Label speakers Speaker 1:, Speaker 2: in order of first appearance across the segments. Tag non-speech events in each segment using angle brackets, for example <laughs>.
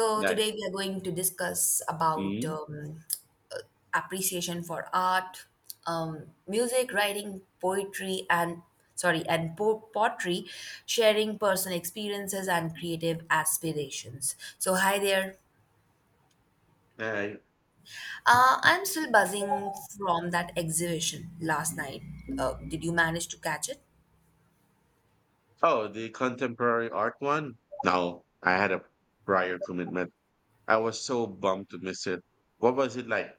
Speaker 1: So
Speaker 2: Yeah.
Speaker 1: today we are going to discuss about
Speaker 2: mm
Speaker 1: uh, appreciation for art, music, writing, poetry, and sorry, and pottery, sharing personal experiences and creative aspirations. So hi there.
Speaker 2: Yeah.
Speaker 1: I'm still buzzing from that exhibition last night. Did you manage to catch it?
Speaker 2: Oh, the contemporary art one? No, I had a prior commitment. I was so bummed to miss it. What was it like?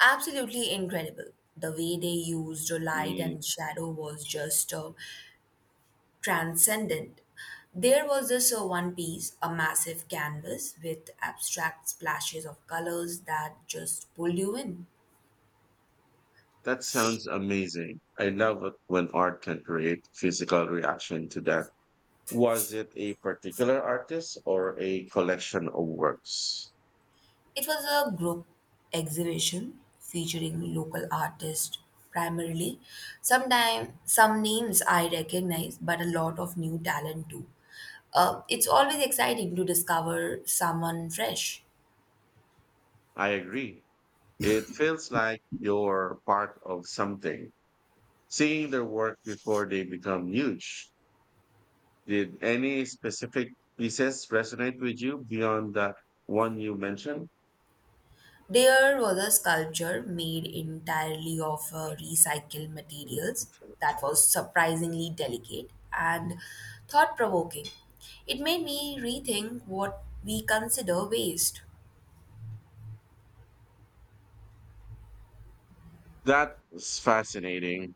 Speaker 1: Absolutely incredible. The way they used light
Speaker 2: Mm,
Speaker 1: and shadow was just transcendent. There was also one piece, a massive canvas with abstract splashes of colors that just pulled you in.
Speaker 2: that sounds amazing. I love it when art can create physical reaction to that. Was it a particular artist or a collection of works?
Speaker 1: It was a group exhibition featuring local artists primarily. Sometimes some names I recognize, but a lot of new talent too. It's always exciting to discover someone fresh.
Speaker 2: I agree. It feels like you're part of something. Seeing their work before they become huge. Did any specific pieces resonate with you beyond the one you mentioned?
Speaker 1: There was a sculpture made entirely of recycled materials that was surprisingly delicate and thought provoking. It made me rethink what we consider waste.
Speaker 2: That's fascinating.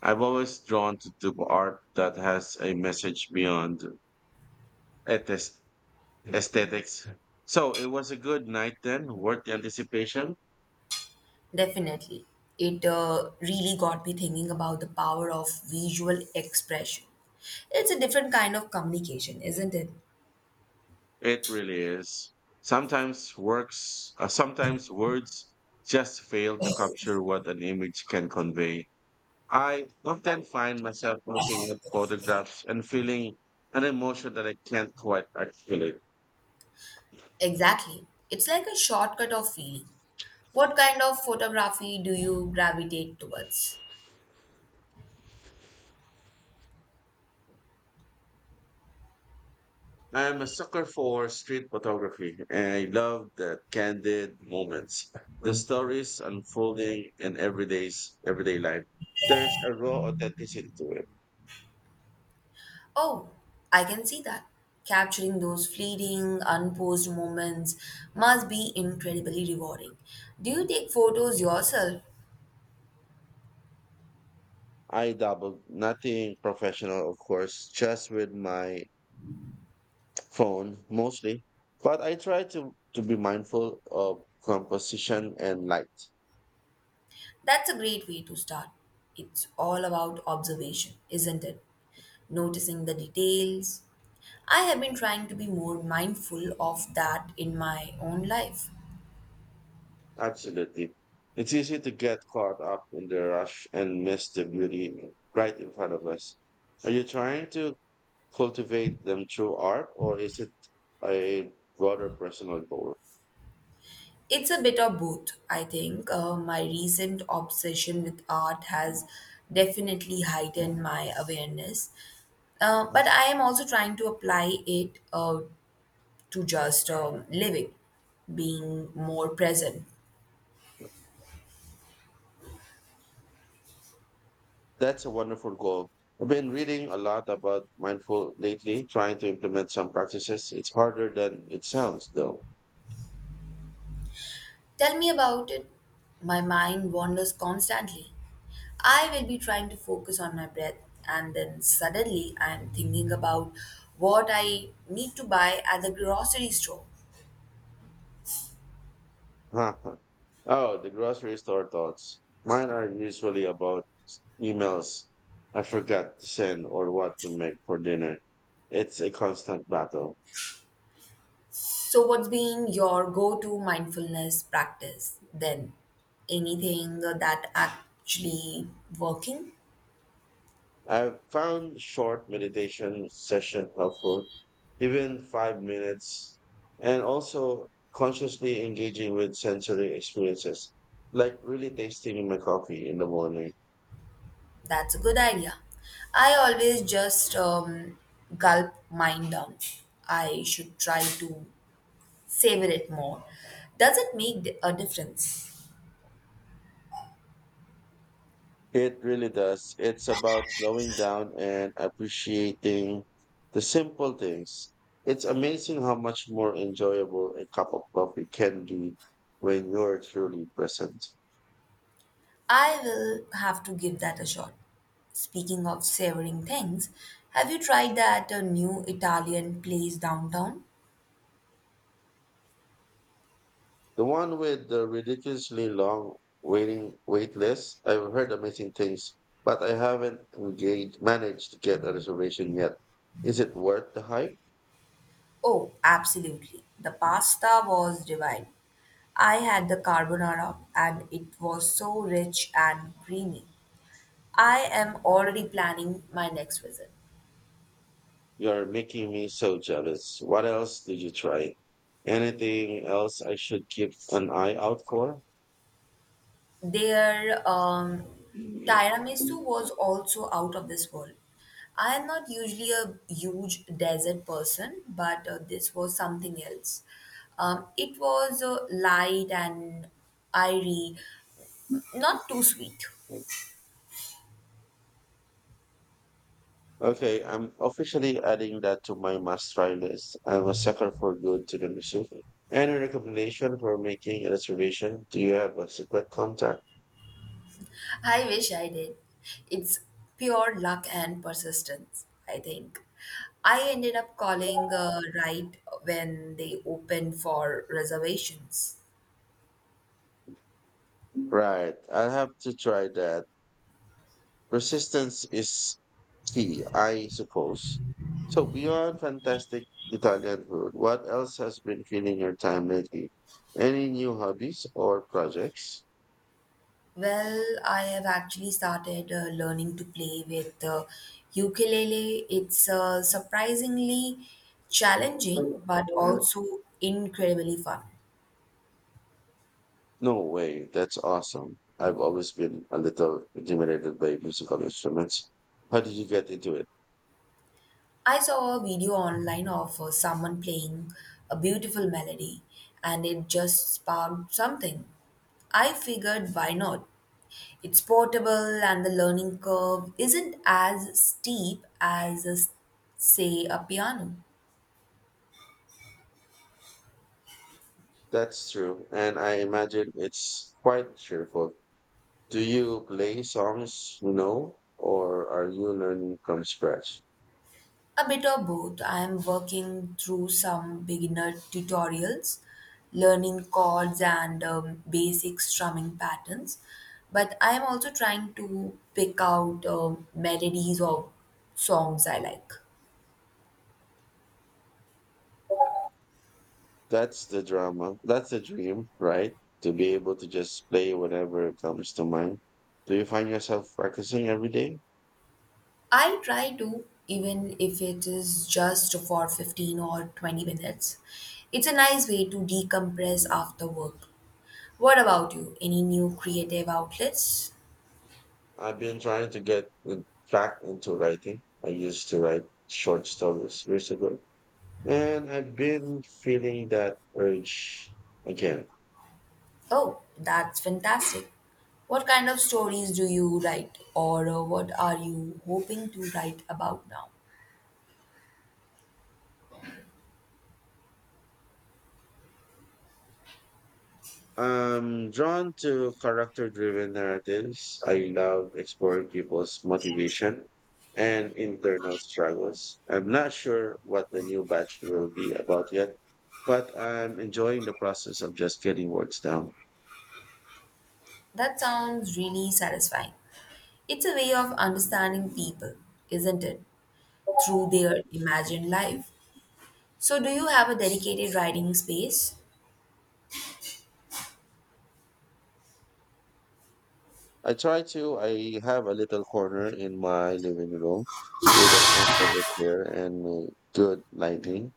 Speaker 2: I've always drawn to art that has a message beyond aes- aesthetics. So it was a good night then, worth the anticipation.
Speaker 1: Definitely. It really got me thinking about the power of visual expression. It's a different kind of communication, isn't it?
Speaker 2: It really is. Sometimes words just fail to capture what an image can convey. I often find myself looking at photographs and feeling an emotion that I can't quite articulate.
Speaker 1: Exactly. It's like a shortcut of feeling. What kind of photography do you gravitate towards?
Speaker 2: I am a sucker for street photography, and I love the candid moments, the stories unfolding in everyday life. There's a raw authenticity to it.
Speaker 1: Oh, I can see that. Capturing those fleeting, unposed moments must be incredibly rewarding. Do you take photos yourself?
Speaker 2: I dabble, nothing professional, of course, just with my phone mostly, but I try to be mindful of composition and light.
Speaker 1: That's a great way to start. It's all about observation, isn't it? Noticing the details. I have been trying to be more mindful of that in my own life.
Speaker 2: Absolutely. It's easy to get caught up in the rush and miss the beauty right in front of us. Are you trying to cultivate them through art or is it a broader personal goal?
Speaker 1: It's a bit of both, I think. My recent obsession with art has definitely heightened my awareness. But I am also trying to apply it to just living, being more present.
Speaker 2: That's a wonderful goal. I've been reading a lot about mindful lately, trying to implement some practices. It's harder than it sounds though.
Speaker 1: Tell me about it. My mind wanders constantly. I will be trying to focus on my breath, and then suddenly I'm thinking about what I need to buy at the grocery store.
Speaker 2: <laughs> Oh, the grocery store thoughts. Mine are usually about emails I forgot to send or what to make for dinner. It's a constant battle.
Speaker 1: So, what's been your go to mindfulness practice then? Anything that actually working?
Speaker 2: I've found short meditation session helpful, even 5 minutes, and also consciously engaging with sensory experiences, like really tasting my coffee in the morning.
Speaker 1: That's a good idea. I always just gulp mine down. I should try to savor it more. Does it make a difference?
Speaker 2: It really does. It's about slowing down and appreciating the simple things. It's amazing how much more enjoyable a cup of coffee can be when you're truly present.
Speaker 1: I will have to give that a shot. Speaking of savoring things, have you tried that new Italian place downtown?
Speaker 2: The one with the ridiculously long wait list, I've heard amazing things, but I haven't engaged managed to get a reservation yet. Is it worth the hype?
Speaker 1: Oh, absolutely. The pasta was divine. I had the carbonara and it was so rich and creamy. I am already planning my next visit.
Speaker 2: You're making me so jealous. What else did you try? Anything else I should keep an eye out for?
Speaker 1: Their tiramisu was also out of this world. I am not usually a huge dessert person, but this was something else. It was light and airy, not too sweet.
Speaker 2: Okay, I'm officially adding that to my must try list. I'm a sucker for good to the machine. Any recommendation for making a reservation? Do you have a secret contact?
Speaker 1: I wish I did. It's pure luck and persistence, I think. I ended up calling right when they opened for reservations.
Speaker 2: Right, I'll have to try that. Resistance is key, I suppose. So beyond fantastic Italian food, what else has been filling your time lately? Any new hobbies or projects?
Speaker 1: Well, I have actually started learning to play with ukulele. It's surprisingly challenging, but also incredibly fun.
Speaker 2: No way, that's awesome. I've always been a little intimidated by musical instruments. How did you get into it?
Speaker 1: I saw a video online of someone playing a beautiful melody and it just sparked something. I figured why not? It's portable and the learning curve isn't as steep as, say, a piano.
Speaker 2: That's true, and I imagine it's quite cheerful. Do you play songs you know, or are you learning from scratch?
Speaker 1: A bit of both. I am working through some beginner tutorials, learning chords and basic strumming patterns, but I am also trying to pick out melodies of songs I like.
Speaker 2: That's the dream, right? To be able to just play whatever comes to mind. Do you find yourself practicing every day?
Speaker 1: I try to, even if it is just for 15 or 20 minutes. It's a nice way to decompress after work. What about you? Any new creative outlets?
Speaker 2: I've been trying to back into writing. I used to write short stories years ago, and I've been feeling that urge again.
Speaker 1: Oh, that's fantastic. What kind of stories do you write, or what are you hoping to write about now?
Speaker 2: I'm drawn to character driven narratives. I love exploring people's motivation and internal struggles. I'm not sure what the new batch will be about yet, but I'm enjoying the process of just getting words down.
Speaker 1: That sounds really satisfying. It's a way of understanding people, isn't it? Through their imagined life. So, do you have a dedicated writing space?
Speaker 2: I try to, I have a little corner in my living room with a comfortable chair and good lighting.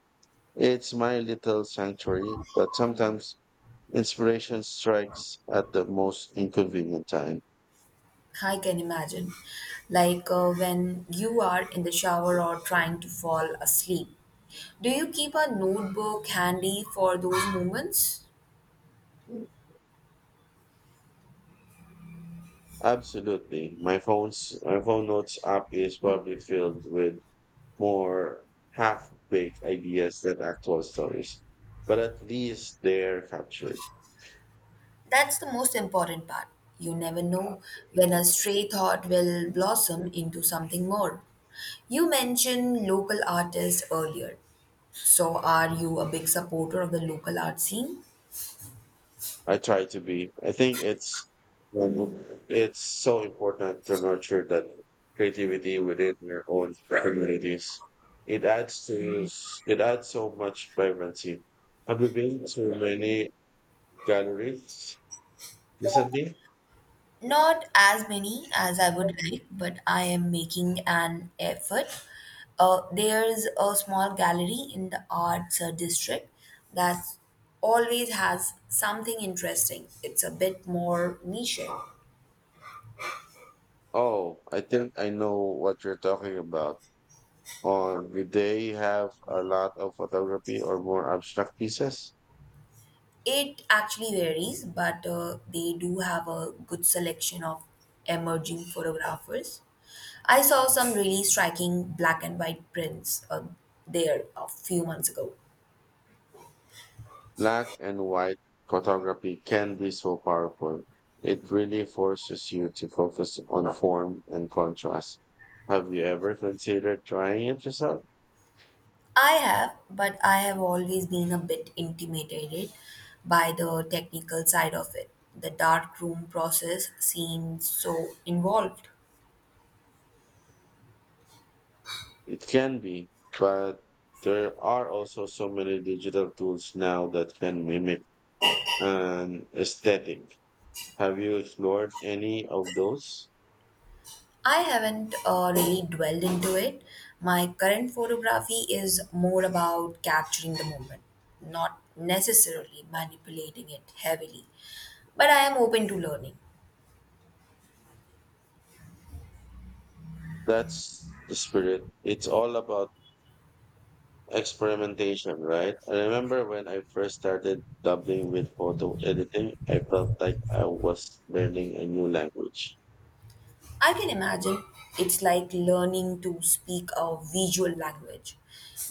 Speaker 2: It's my little sanctuary, but sometimes inspiration strikes at the most inconvenient time.
Speaker 1: I can imagine. Like when you are in the shower or trying to fall asleep. Do you keep a notebook handy for those moments?
Speaker 2: Absolutely. My phone notes app is probably filled with more half-baked ideas than actual stories. But at least they're captured.
Speaker 1: That's the most important part. You never know when a stray thought will blossom into something more. You mentioned local artists earlier. So, are you a big supporter of the local art scene?
Speaker 2: I try to be. I think it's so important to nurture that creativity within your own communities. It adds to it adds so much vibrancy. Have you been to many galleries recently?
Speaker 1: Not as many as I would like, but I am making an effort. There's a small gallery in the arts district that always has something interesting. It's a bit more niche.
Speaker 2: Oh, I think I know what you're talking about. Or did they have a lot of photography or more abstract pieces?
Speaker 1: It actually varies, but they do have a good selection of emerging photographers. I saw some really striking black and white prints there a few months ago.
Speaker 2: Black and white photography can be so powerful. It really forces you to focus on form and contrast. Have you ever considered trying it yourself?
Speaker 1: I have, but I have always been a bit intimidated by the technical side of it. The darkroom process seems so involved.
Speaker 2: It can be, but there are also so many digital tools now that can mimic an aesthetic. Have you explored any of those?
Speaker 1: I haven't really dwelled into it. My current photography is more about capturing the moment, not necessarily manipulating it heavily. But I am open to learning.
Speaker 2: That's the spirit. It's all about experimentation, right? I remember when I first started dabbling with photo editing, I felt like I was learning a new language.
Speaker 1: I can imagine it's like learning to speak a visual language.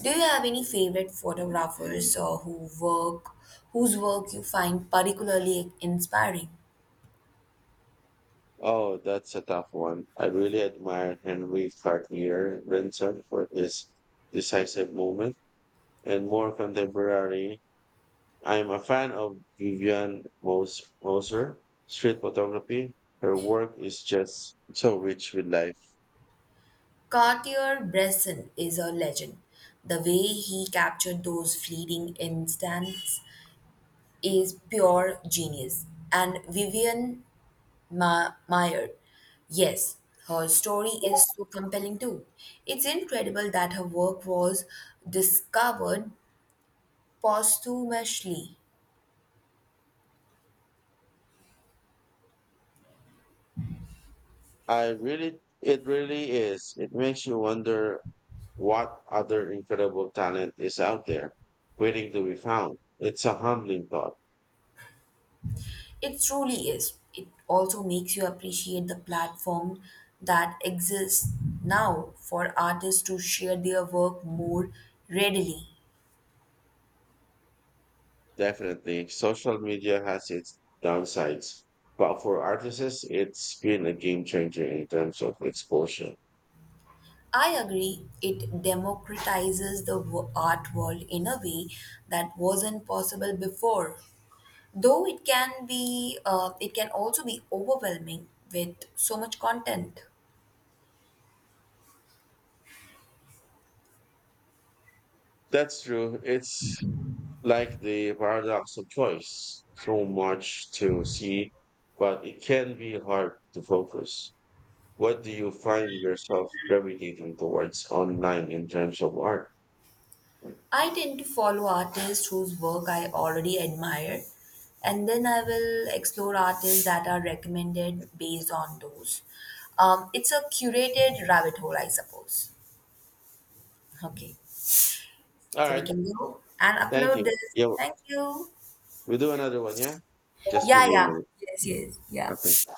Speaker 1: Do you have any favorite photographers or who work whose work you find particularly inspiring?
Speaker 2: Oh, that's a tough one. I really admire Henry Cartier Bresson for his decisive moment, and more contemporary, I'm a fan of Moser street photography. Her work is just so rich with life.
Speaker 1: Cartier-Bresson is a legend. The way he captured those fleeting instants is pure genius. And Vivian Maier, yes, her story is so compelling too. It's incredible that her work was discovered posthumously.
Speaker 2: It really is. It makes you wonder what other incredible talent is out there waiting to be found. It's a humbling thought.
Speaker 1: It truly is. It also makes you appreciate the platform that exists now for artists to share their work more readily.
Speaker 2: Definitely. Social media has its downsides, but for artists, it's been a game changer in terms of exposure.
Speaker 1: I agree, it democratizes the art world in a way that wasn't possible before. Though it can be, it can also be overwhelming with so much content.
Speaker 2: That's true. It's like the paradox of choice. So much to see, but it can be hard to focus. What do you find yourself gravitating towards online in terms of art? All
Speaker 1: I tend to follow artists whose work I already admire, and then I will explore artists that are recommended based on those. It's a curated rabbit hole, I suppose. Okay, so we
Speaker 2: right.
Speaker 1: can go and
Speaker 2: Thank
Speaker 1: upload
Speaker 2: you.
Speaker 1: this.
Speaker 2: Yeah,
Speaker 1: Thank you.
Speaker 2: we'll do another one. Yeah. Just give
Speaker 1: Yeah,
Speaker 2: me a
Speaker 1: yeah.
Speaker 2: minute.
Speaker 1: Yes, yes. Yeah.
Speaker 2: Okay.